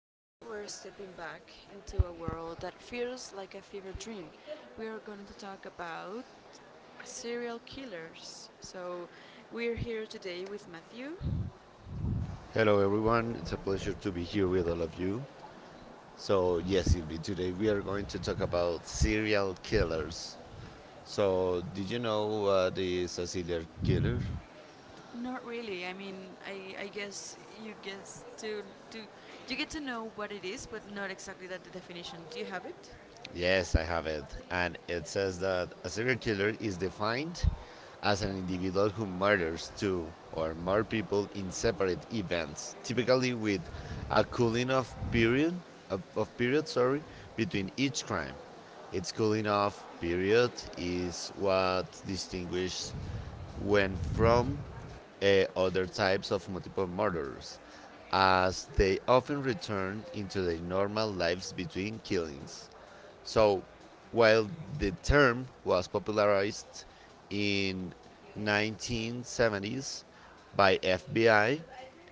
Today we're stepping back into a world that feels like a fever dream. We are going to talk about serial killers. So we're here today with Matthew. Hello, everyone. It's a pleasure to be here with all of you. So, yes, Sylvie, today we are going to talk about serial killers. So, did you know what is a serial killer? Not really. I guess to you get to know what it is, but not exactly that the definition. Do you have it? Yes, I have it. And it says that a serial killer is defined as an individual who murders two or more people in separate events, typically with a cooling off period of period sorry between each crime. Its cooling off period is what distinguishes when from other types of multiple murders, as they often return into their normal lives between killings. So, while the term was popularized in 1970s by FBI,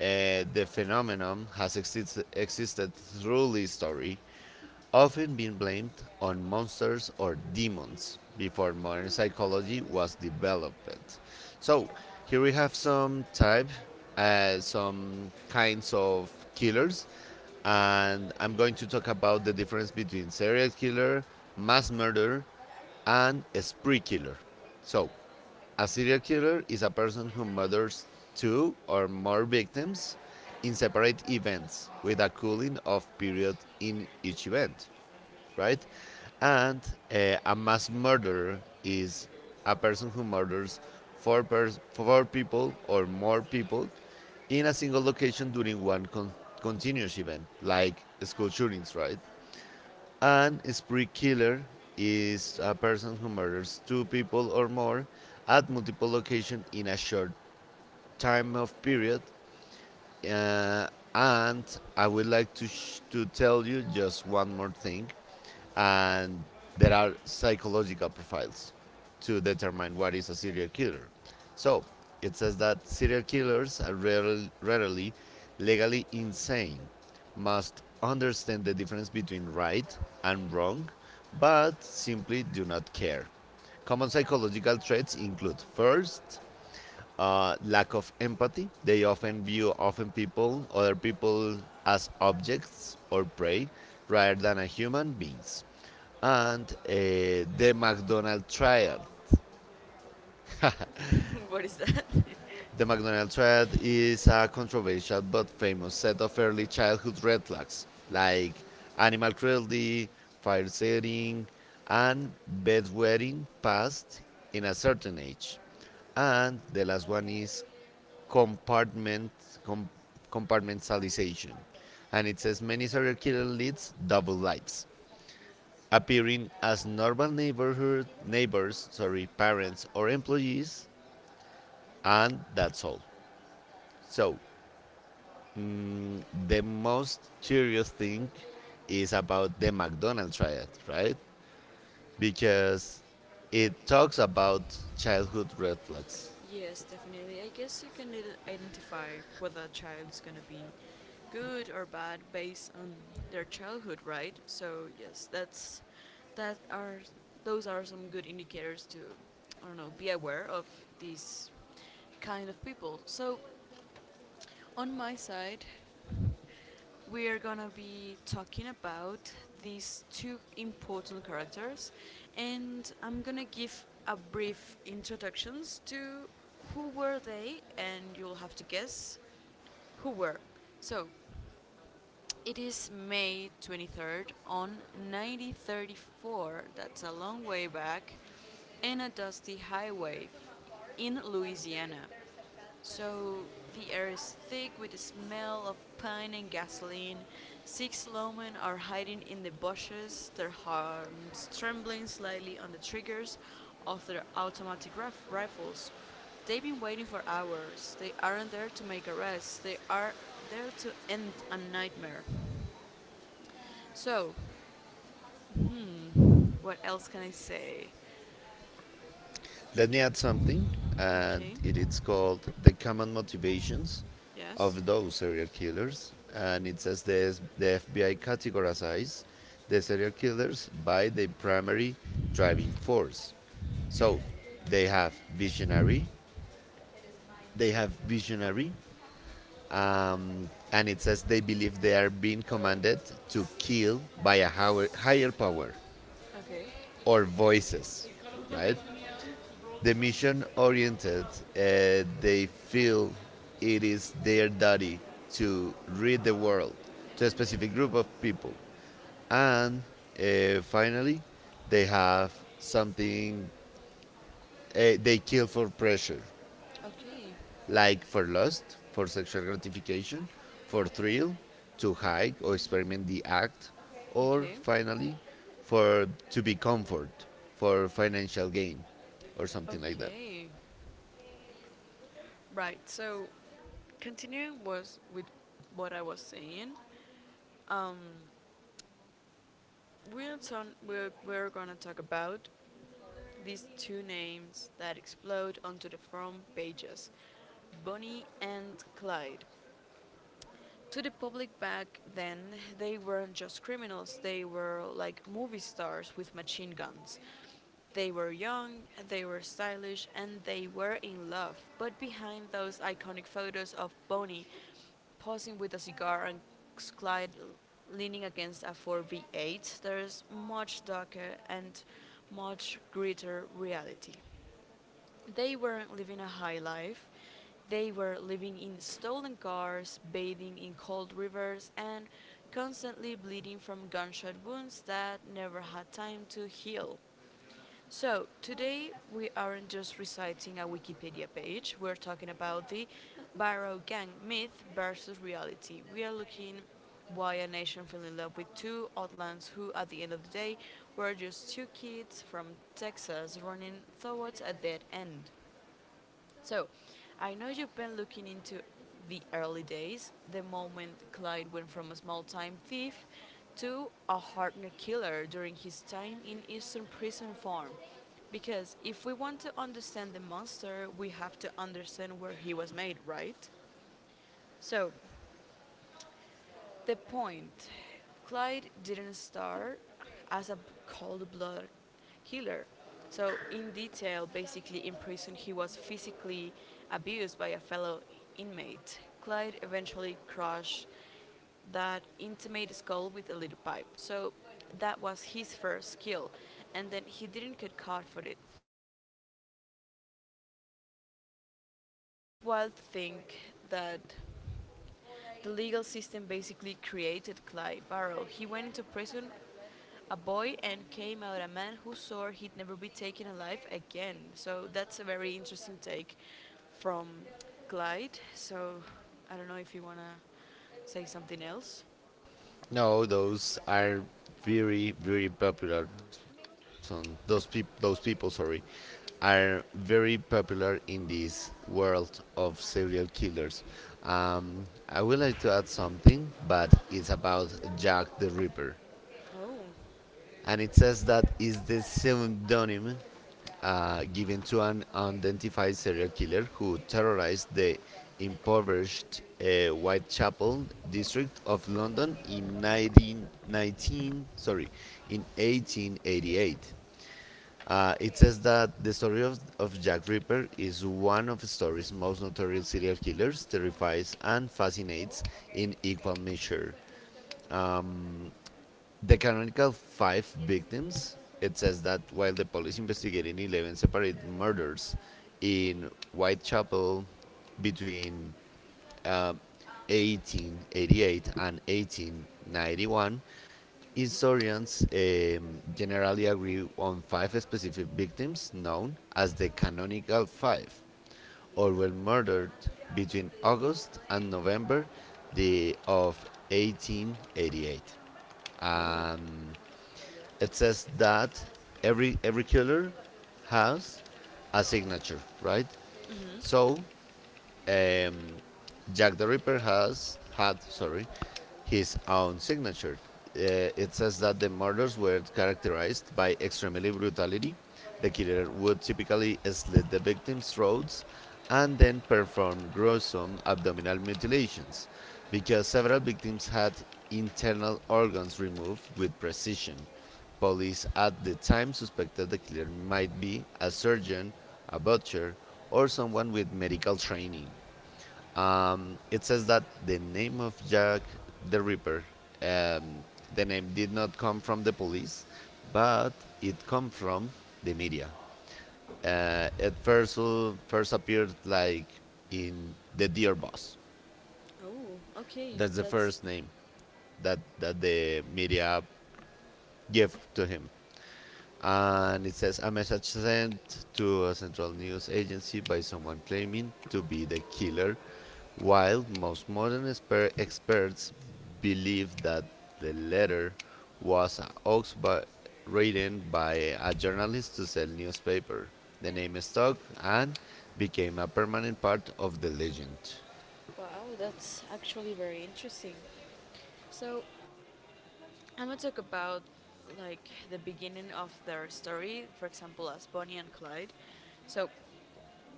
the phenomenon has existed through history, often being blamed on monsters or demons before modern psychology was developed. So, here we have some type, some kinds of killers, and I'm going to talk about the difference between serial killer, mass murder, and a spree killer. So, a serial killer is a person who murders two or more victims in separate events with a cooling off period in each event, right? And a mass murderer is a person who murders four people or more people in a single location during continuous event, like school shootings, right? And a spree killer is a person who murders two people or more at multiple locations in a short time of period, uh, and I would like to, to tell you just one more thing. And there are psychological profiles to determine what is a serial killer. So it says that serial killers are rarely legally insane, must understand the difference between right and wrong, but simply do not care. Common psychological traits include first, lack of empathy. They often view often people, other people, as objects or prey rather than as human beings. And the McDonald trial. What is that? The McDonald trial is a controversial but famous set of early childhood red flags, like animal cruelty, fire setting, and bedwetting past in a certain age. And the last one is compartment com, compartmentalization, and it says many serial killer leads double lives, appearing as normal neighborhood neighbors, sorry, parents or employees, and that's all. So mm, the most curious thing is about the McDonald's triad, right? Because it talks about childhood red flags. Yes, definitely. I guess you can identify whether a child is going to be good or bad based on their childhood, right? So, yes, that's that are those are some good indicators to, I don't know, be aware of these kind of people. So, on my side, we are gonna be talking about these two important characters, and I'm gonna give a brief introductions to who were they, and you'll have to guess who were. So, it is May 23rd on 1934. That's a long way back, and a dusty highway in Louisiana. So the air is thick with the smell of pine and gasoline. Six lawmen are hiding in the bushes, their hands trembling slightly on the triggers of their automatic rifles. They've been waiting for hours. They aren't there to make arrests. They are there to end a nightmare. So, hmm, what else can I say? Let me add something, and Okay. it is called The Common Motivations Yes. of Those Serial Killers. And it says the FBI categorizes the serial killers by the primary driving force. So they have visionary, they have visionary, and it says they believe they are being commanded to kill by a higher power Okay. or voices, right? The mission oriented, they feel it is their duty to read the world to a specific group of people, and finally they have something, they kill for pressure, Okay. like for lust, for sexual gratification, for thrill, to hike or experiment the act, or Okay. finally for to be comfort, for financial gain, or something like that. Okay. Right. So, continuing was with what I was saying. Um, we're gonna talk about these two names that explode onto the front pages, Bonnie and Clyde. To the public back then, they weren't just criminals, they were like movie stars with machine guns. They were young, they were stylish, and they were in love. But behind those iconic photos of Bonnie posing with a cigar and Clyde leaning against a 4v8, there's much darker and much greater reality. They weren't living a high life. They were living in stolen cars, bathing in cold rivers, and constantly bleeding from gunshot wounds that never had time to heal. So, today we aren't just reciting a Wikipedia page, we're talking about the Barrow Gang myth versus reality. We are looking why a nation fell in love with two outlaws who, at the end of the day, were just two kids from Texas running towards a dead end. So, I know you've been looking into the early days, the moment Clyde went from a small time thief to a hardened killer during his time in Eastern Prison Farm. Because if we want to understand the monster, we have to understand where he was made, right? So, the point, Clyde didn't start as a cold blooded killer. So, in detail, basically in prison, he was physically abused by a fellow inmate. Clyde eventually crushed that intimate skull with a little pipe. So, that was his first kill, and then he didn't get caught for it. So, it's wild to think that the legal system basically created Clyde Barrow. He went into prison a boy and came out a man who swore he'd never be taken alive again. So that's a very interesting take from Clyde. So I don't know if you want to say something else. No, those are very very popular. Those person those peop those people sorry are very popular in this world of serial killers. I would like to add something, but it's about Jack the Ripper, Oh. and it says that is the pseudonym given to an unidentified serial killer who terrorized the impoverished Whitechapel district of London in 1919. Sorry, in 1888. It says that the story of Jack Ripper is one of the story's most notorious serial killers, terrifies and fascinates in equal measure. Um, the canonical five victims, it says that while the police investigated 11 separate murders in Whitechapel between uh, 1888 and 1891, historians generally agree on five specific victims known as the canonical five, all were murdered between August and November of 1888. Oh. Um, it says that every killer has a signature, right? Mhm. So um, Jack the Ripper has his own signature. It says that the murders were characterized by extremely brutality. The killer would typically slit the victim's throats and then perform gruesome abdominal mutilations. Because several victims had internal organs removed with precision, police at the time suspected the killer might be a surgeon, a butcher, or someone with medical training. It says that the name of Jack the Ripper, um, the name did not come from the police, but it come from the media. It first first appeared like in the Dear Boss. Oh, okay. That's the That's... first name that the media gave to him. And it says a message sent to a central news agency by someone claiming to be the killer, while most modern experts believe that the letter was a written by a journalist to sell newspaper, the name stuck and became a permanent part of the legend. Wow, that's actually very interesting. So, I'm gonna talk about like the beginning of their story, for example, as Bonnie and Clyde. So,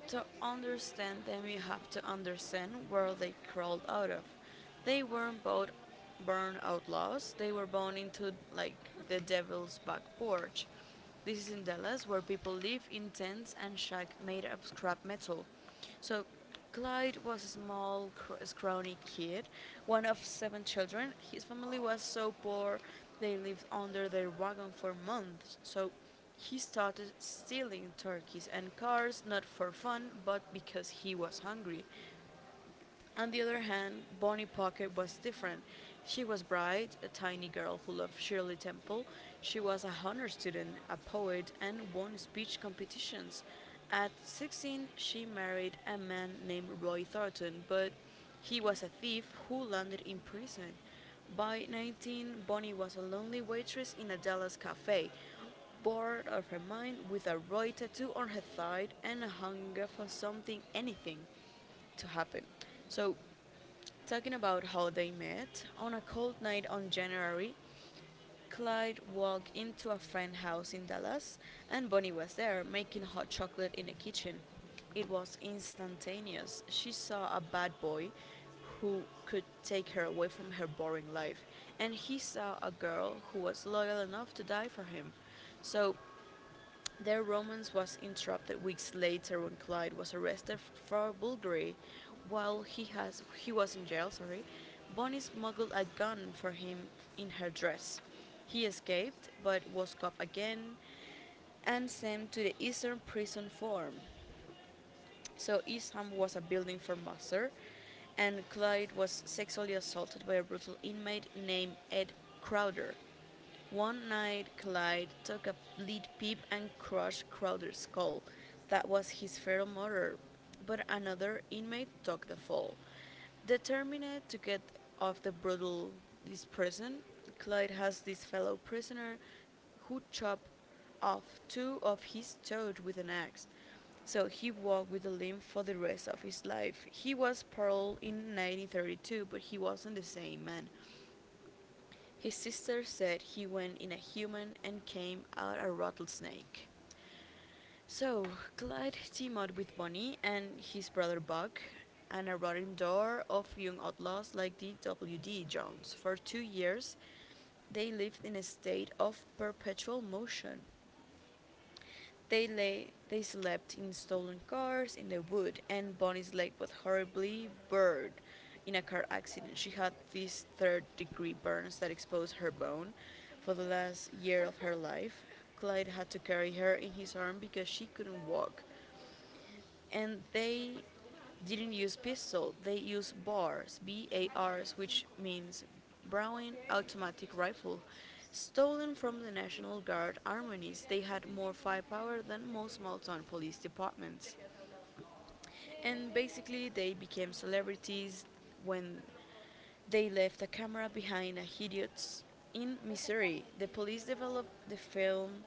to understand them, you have to understand where they crawled out of. They weren't both born outlaws, they were born into like the devil's back porch. This is in Dallas, where people live in tents and shacks made of scrap metal. So Clyde was a small, scrawny kid, one of seven children. His family was so poor they lived under their wagon for months, so he started stealing turkeys and cars, not for fun but because he was hungry. On the other hand, Bonnie Pocket was different. She was bright, a tiny girl who loved Shirley Temple. She was a honor student, a poet, and won speech competitions. At 16, she married a man named Roy Thornton, but he was a thief who landed in prison. By 19, Bonnie was a lonely waitress in a Dallas cafe, bored out of her mind with a Roy tattoo on her thigh and a hunger for something, anything to happen. So, talking about how they met, on a cold night on January, Clyde walked into a friend's house in Dallas, and Bonnie was there making hot chocolate in the kitchen. It was instantaneous. She saw a bad boy who could take her away from her boring life, and he saw a girl who was loyal enough to die for him. So their romance was interrupted weeks later when Clyde was arrested for burglary. While he has He was in jail, sorry, Bonnie smuggled a gun for him in her dress. He escaped but was caught again and sent to the Eastern Prison Farm. So Isham was a building for muster, and Clyde was sexually assaulted by a brutal inmate named Ed Crowder. One night, Clyde took a lead pipe and crushed Crowder's skull. That was his fatal murder. But another inmate took the fall. Determined to get off the brutal this prison, Clyde has this fellow prisoner who chopped off two of his toes with an axe. So he walked with a limp for the rest of his life. He was paroled in 1932, but he wasn't the same man. His sister said he went in a human and came out a rattlesnake. So, Clyde teamed up with Bonnie and his brother Buck, an eroding door of young outlaws like D.W.D. Jones. For 2 years, they lived in a state of perpetual motion. They slept in stolen cars in the wood, and Bonnie's leg was horribly burned in a car accident. She had these third-degree burns that exposed her bone for the last year of her life. Clyde had to carry her in his arm because she couldn't walk, and they didn't use pistol, they used bars. Bars, which means browning automatic rifle, stolen from the national guard armories. They had more firepower than most malton police departments. And basically they became celebrities when they left a camera behind a hideous in Missouri. The police developed the film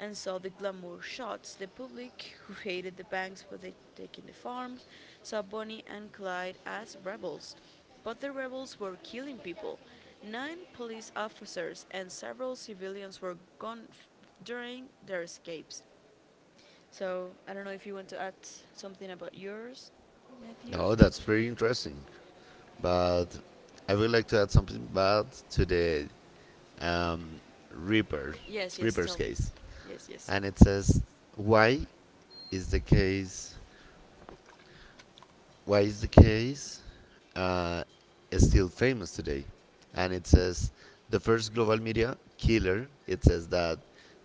and saw the glamour shots. The public, who hated the banks for the taking the farms, saw Bonnie and Clyde as rebels. But the rebels were killing people. Nine police officers and several civilians were gone during their escapes. So I don't know if you want to add something about yours, Matthew. Oh, that's pretty interesting, but I would like to add something bad to the um, reaper Yes, yes. reaper's Tell me. case Yes, yes. And it says why is the case why is the case uh, is still famous today. And it says the first global media killer, it says that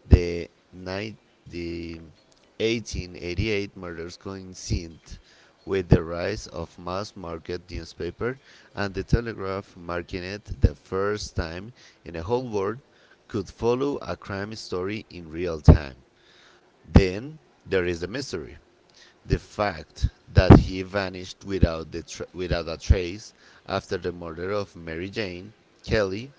the night the 1888 murders coincided with the rise of mass market newspaper and the telegraph, marking it the first time in the whole world could follow a crime story in real time. Then there is the mystery. The fact that he vanished without a trace after the murder of Mary Jane Kelly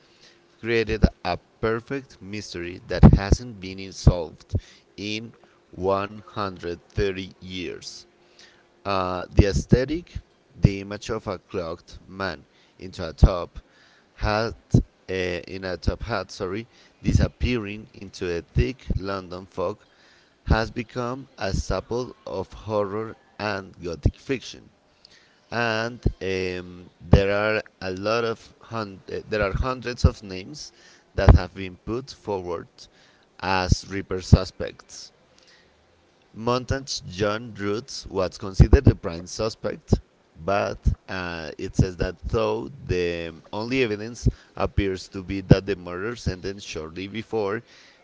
created a perfect mystery that hasn't been solved in 130 years. The aesthetic, the image of a cloaked man into a top hat, in a top hat, sorry, disappearing into a thick London fog, has become a staple of horror and gothic fiction. And there are a lot of hun- there are hundreds of names that have been put forward as Reaper suspects. Montage's John Roots was considered the prime suspect, but it says that though the only evidence appears to be that the murder sentence shortly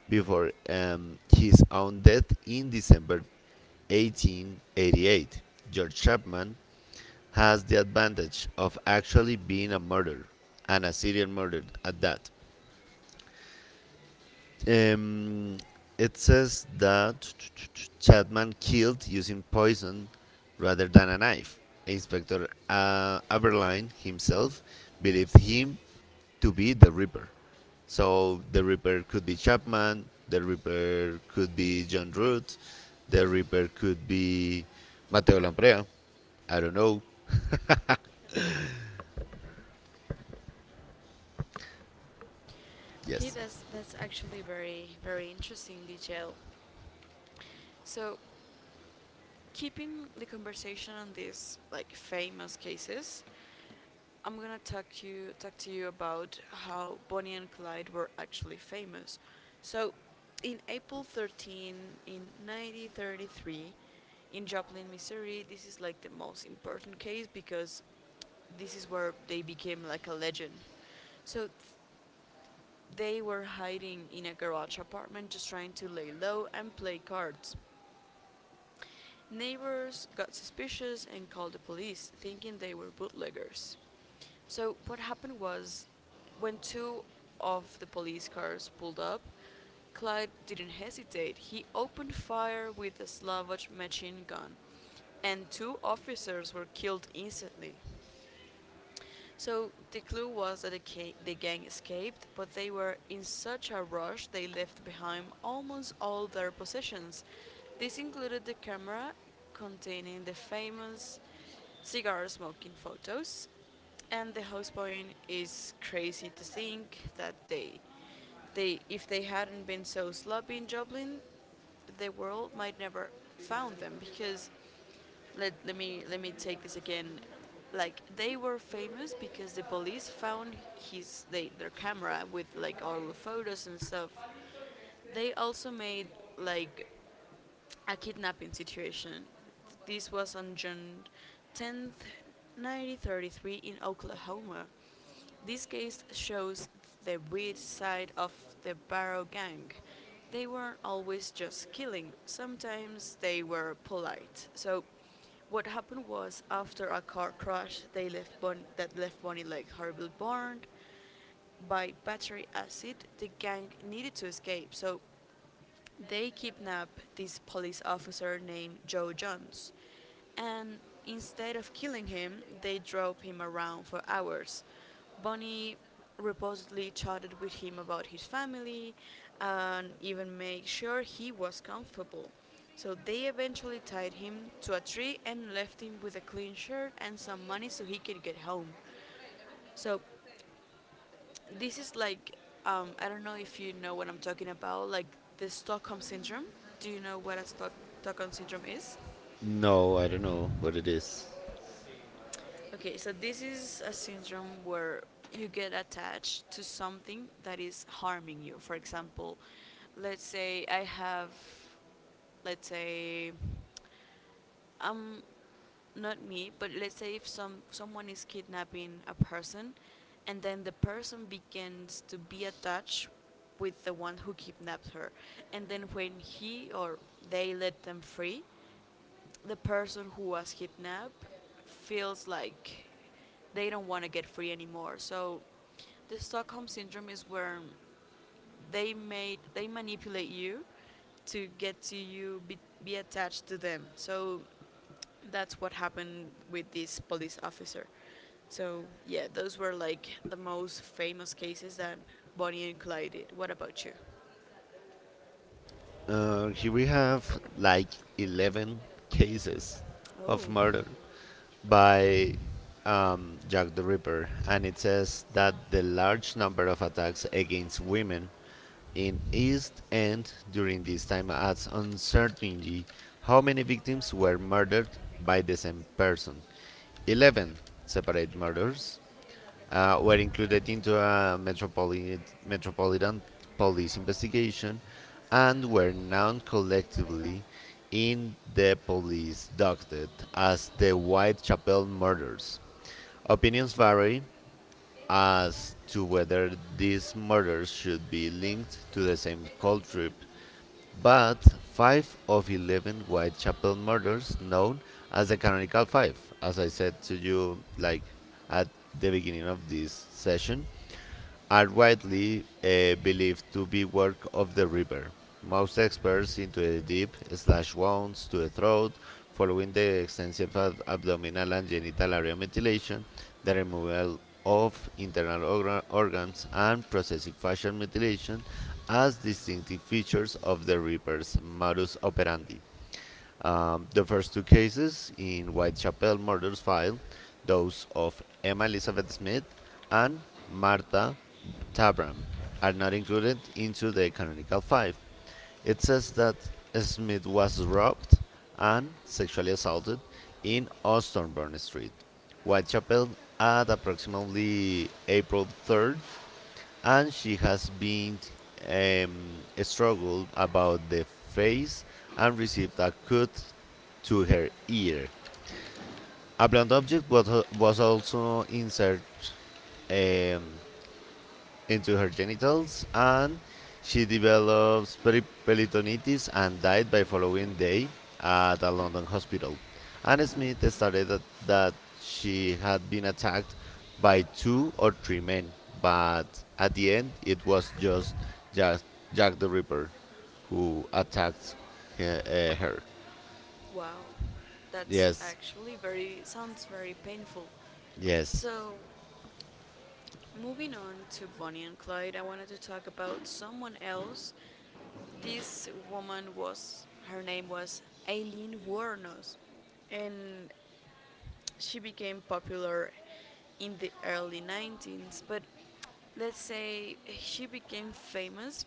before his own death in December 1888, George Chapman has the advantage of actually being a murderer, and a serial murderer at that. Um, it says that Chapman killed using poison rather than a knife. Inspector Aberline himself believed him to be the Reaper. So the Reaper could be Chapman, the Reaper could be John Root, the Reaper could be Mateo Lamprea, I don't know. Okay, Yes. That's actually very very interesting detail. So, keeping the conversation on these like famous cases, I'm gonna talk to you about how Bonnie and Clyde were actually famous. So, in April 13, in 1933, in Joplin, Missouri, this is like the most important case because this is where they became like a legend. So, they were hiding in a garage apartment, just trying to lay low and play cards. Neighbors got suspicious and called the police, thinking they were bootleggers. So, what happened was when two of the police cars pulled up, Clyde didn't hesitate. He opened fire with a Slavoj machine gun, and two officers were killed instantly. So the clue was that the gang escaped, but they were in such a rush they left behind almost all their possessions. This included the camera containing the famous cigar smoking photos, and the house point is crazy to think that they if they hadn't been so sloppy in Dublin, the world might never found them because let me take this again. Like they were famous because the police found their camera with like all the photos and stuff. They also made like a kidnapping situation. This was on June 10, 1933, in Oklahoma. This case shows the weird side of the Barrow Gang. They weren't always just killing, sometimes they were polite. So, what happened was after a car crash they that left Bonnie Lake horribly burned by battery acid, the gang needed to escape. So they kidnap this police officer named Joe Jones, and instead of killing him, they drove him around for hours. Bonnie reportedly chatted with him about his family and even made sure he was comfortable. So they eventually tied him to a tree and left him with a clean shirt and some money so he could get home. So this is like, I don't know if you know what I'm talking about, like the Stockholm syndrome. Do you know what a Stockholm syndrome is? No, I don't know what it is. Okay, so this is a syndrome where you get attached to something that is harming you. For example, let's say I have, let's say, um not me, but let's say if someone is kidnapping a person, and then the person begins to be attached with the one who kidnapped her, and then when he or they let them free, the person who was kidnapped feels like they don't want to get free anymore. So the Stockholm syndrome is where they manipulate you to get to you be attached to them. So that's what happened with this police officer. So, yeah, those were like the most famous cases that Bonnie and Clyde did. What about you? Here we have like 11 cases Oh, of murder by Jack the Ripper, and it says that the large number of attacks against women in East End during this time adds uncertainty how many victims were murdered by the same person. 11 separate murders were included into a metropolitan police investigation and were known collectively in the police docket as the Whitechapel murders. Opinions vary as to whether these murders should be linked to the same cult trip, but five of 11 Whitechapel murders, known as the Canonical Five, as I said to you, like at the beginning of this session, are widely believed to be work of the river. Most experts into the deep slash wounds to the throat following the extensive abdominal and genital area mutilation, the removal of internal organs, and processive facial mutilation as distinctive features of the Reaper's modus operandi. The first two cases in Whitechapel murders file, those of Emma Elizabeth Smith and Martha Tabram, are not included into the canonical five. It says that Smith was robbed and sexually assaulted in Osborne Street, Whitechapel, at approximately April 3rd, and she has been struggled about the face and received a cut to her ear. A was also inserted um, into her genitals, and she developed peritonitis and died by following day at a London hospital. And Smith stated that she had been attacked by two or three men, but at the end it was just Jack, Jack the Ripper who attacked her. wow. That's Yes, actually sounds very painful. yes, So, Moving on to Bonnie and Clyde, I wanted to talk about someone else. Her name was Aileen Wuornos, and she became popular in the early 19s. But let's say she became famous,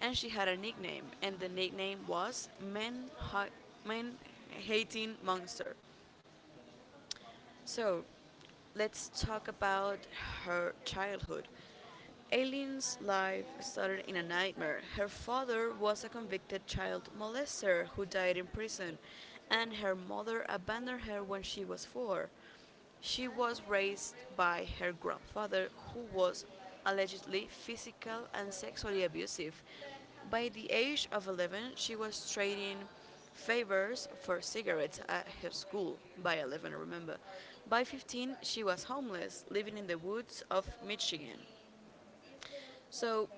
and she had a nickname, and the nickname was Man Hating Monster. So, let's talk about her childhood. Aileen's life started in a nightmare. Her father was a convicted child molester who died in prison, and her mother abandoned her when she was four. She was raised by her grandfather, who was allegedly physical and sexually abusive. By the age of 11, she was trading favors for cigarettes at her school. By 11, remember. By 15, she was homeless, living in the woods of Michigan. So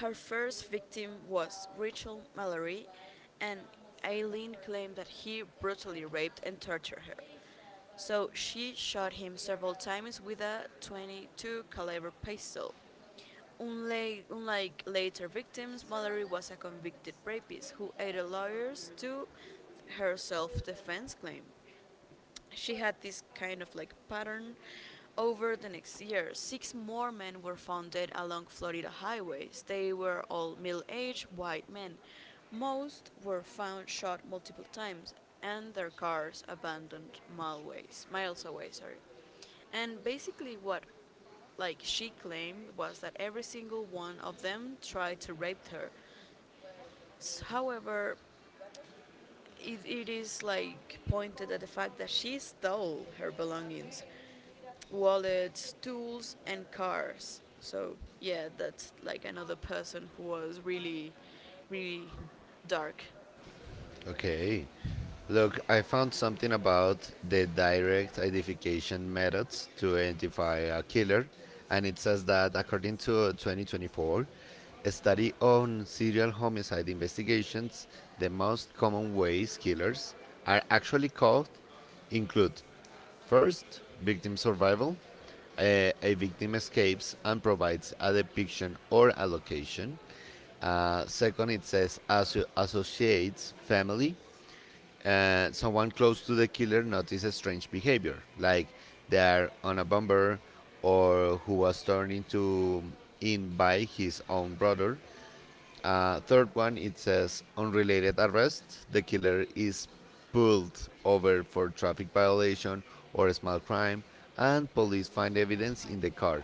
her first victim was Rachel Mallory, and Aileen claimed that he brutally raped and tortured her. So she shot him several times with a 22 caliber pistol. Unlike later victims, Mallory was a convicted rapist who aided lawyers to her self-defense claim. She had this kind of like pattern. Over the next year, six more men were found dead along Florida highways. They were all middle aged white men. Most were found shot multiple times and their cars abandoned miles away. Sorry. And basically, what like she claimed was that every single one of them tried to rape her. However, it is like pointed at the fact that she stole her belongings, wallets, tools, and cars. So yeah, that's like another person who was really, really dark. okay. Look, I found something about the direct identification methods to identify a killer, and it says that according to 2024, a study on serial homicide investigations, the most common ways killers are actually caught include first, victim survival. A victim escapes and provides a depiction or a location. Second, it says associates family, someone close to the killer notices strange behavior, like they are on a bumper or who was turned into in by his own brother. Third one, it says unrelated arrest. The killer is pulled over for traffic violation or a small crime, and police find evidence in the car,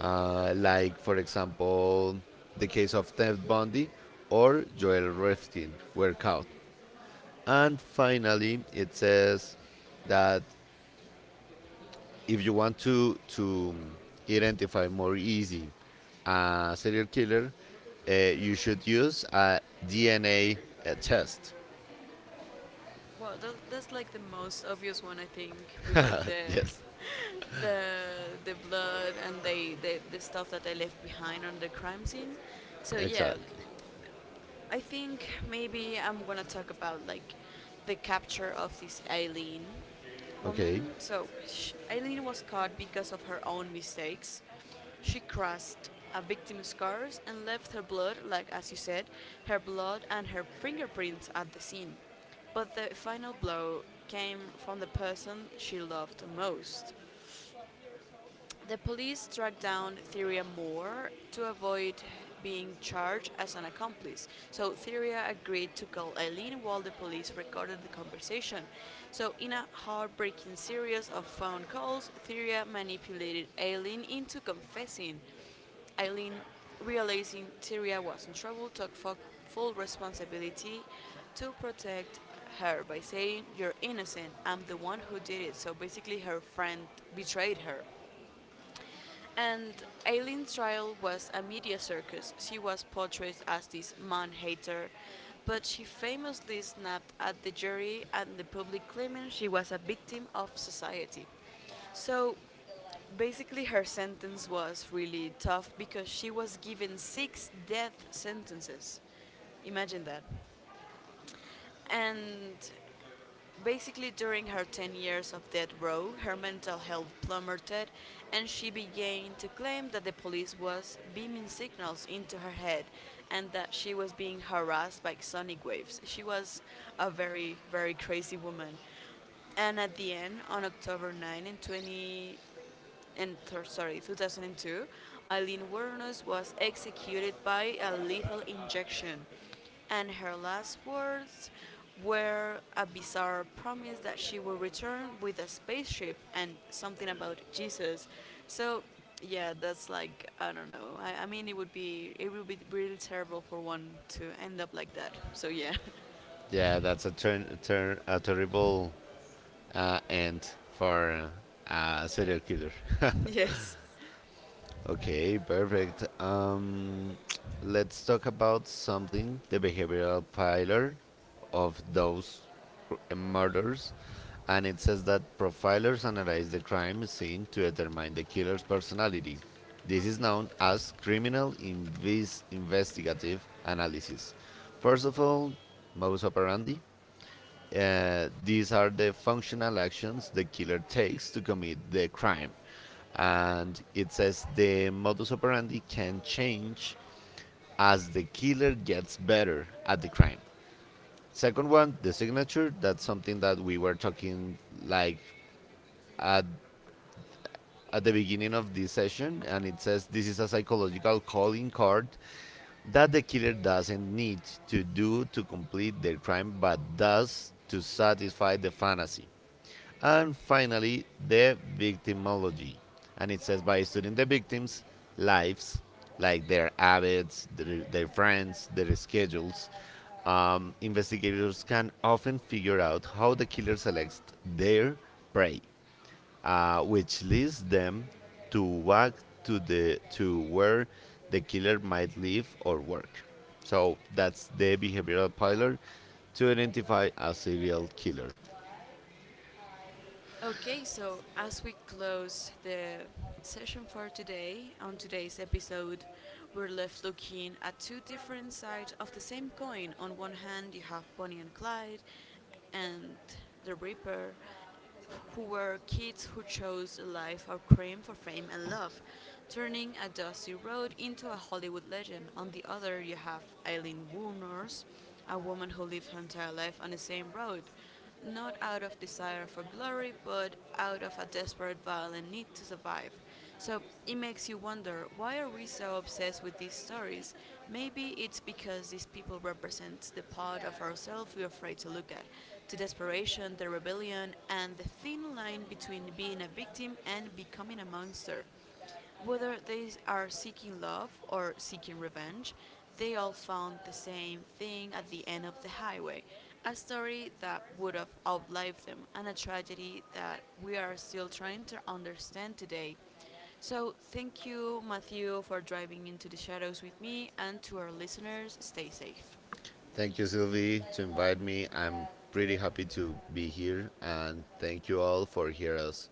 like for example the case of Ted Bundy or Joel Rifkin were caught. And finally, it says that if you want to identify more easy a serial killer, you should use a DNA test. Well, that's like the most obvious one, I think. We like Yes, the the blood and the stuff that they left behind on the crime scene. So yeah, exactly. I think maybe I'm gonna talk about like the capture of this Eileen Okay. woman. So Eileen was caught because of her own mistakes. She crushed a victim's cars and left her blood, like as you said, her blood and her fingerprints at the scene. But the final blow came from the person she loved most. The police tracked down Theria Moore to avoid being charged as an accomplice. So Theria agreed to call Eileen while the police recorded the conversation. So in a heartbreaking series of phone calls, Theria manipulated Eileen into confessing. Eileen, realizing Tyria was in trouble, took full responsibility to protect her by saying, "You're innocent, I'm the one who did it." So basically, her friend betrayed her. And Aileen's trial was a media circus. She was portrayed as this man hater, but she famously snapped at the jury and the public, claiming she was a victim of society. So basically, her sentence was really tough because she was given six death sentences. Imagine that. And basically, during her 10 years of death row, her mental health plummeted, and she began to claim that the police was beaming signals into her head and that she was being harassed by sonic waves. She was a very, very crazy woman. And at the end, on October 9 in 20, and th- sorry, 2002, Eileen Wuornos was executed by a lethal injection, and her last words were a bizarre promise that she would return with a spaceship and something about Jesus. So, yeah, that's like, I don't know. I mean, it would be really terrible for one to end up like that. So yeah. Yeah, that's a turn, turn a terrible end for a serial killer. yes. Okay, perfect. Let's talk about something the behavioral pillar of those murders. And it says that profilers analyze the crime scene to determine the killer's personality. This is known as criminal investigative analysis. First of all, modus operandi, these are the functional actions the killer takes to commit the crime. And it says the modus operandi can change as the killer gets better at the crime. Second one, the signature. That's something that we were talking like at at the beginning of this session, and it says this is a psychological calling card that the killer doesn't need to complete their crime, but does to satisfy the fantasy. And finally, the victimology. And it says by studying the victims' lives, like their habits, their friends, their schedules, investigators can often figure out how the killer selects their prey, which leads them to walk to where the killer might live or work. So that's the behavioral pillar to identify a serial killer. Okay, so as we close the session for today, on today's episode, we're left looking at two different sides of the same coin. On one hand, you have Bonnie and Clyde and the Reaper, who were kids who chose a life of crime for fame and love, turning a dusty road into a Hollywood legend. On the other, you have Eileen Woolnors, a woman who lived her entire life on the same road, not out of desire for glory, but out of a desperate, violent need to survive. So it makes you wonder why are we so obsessed with these stories? Maybe it's because these people represent the part of ourselves we're afraid to look at, the desperation, the rebellion, and the thin line between being a victim and becoming a monster. Whether they are seeking love or seeking revenge, they all found the same thing at the end of the highway a story that would have outlived them, and a tragedy that we are still trying to understand today. So, thank you, Matthew, for driving into the shadows with me, and to our listeners, stay safe. Thank you, Sylvie, to invite me. I'm pretty happy to be here, and thank you all for hearing us.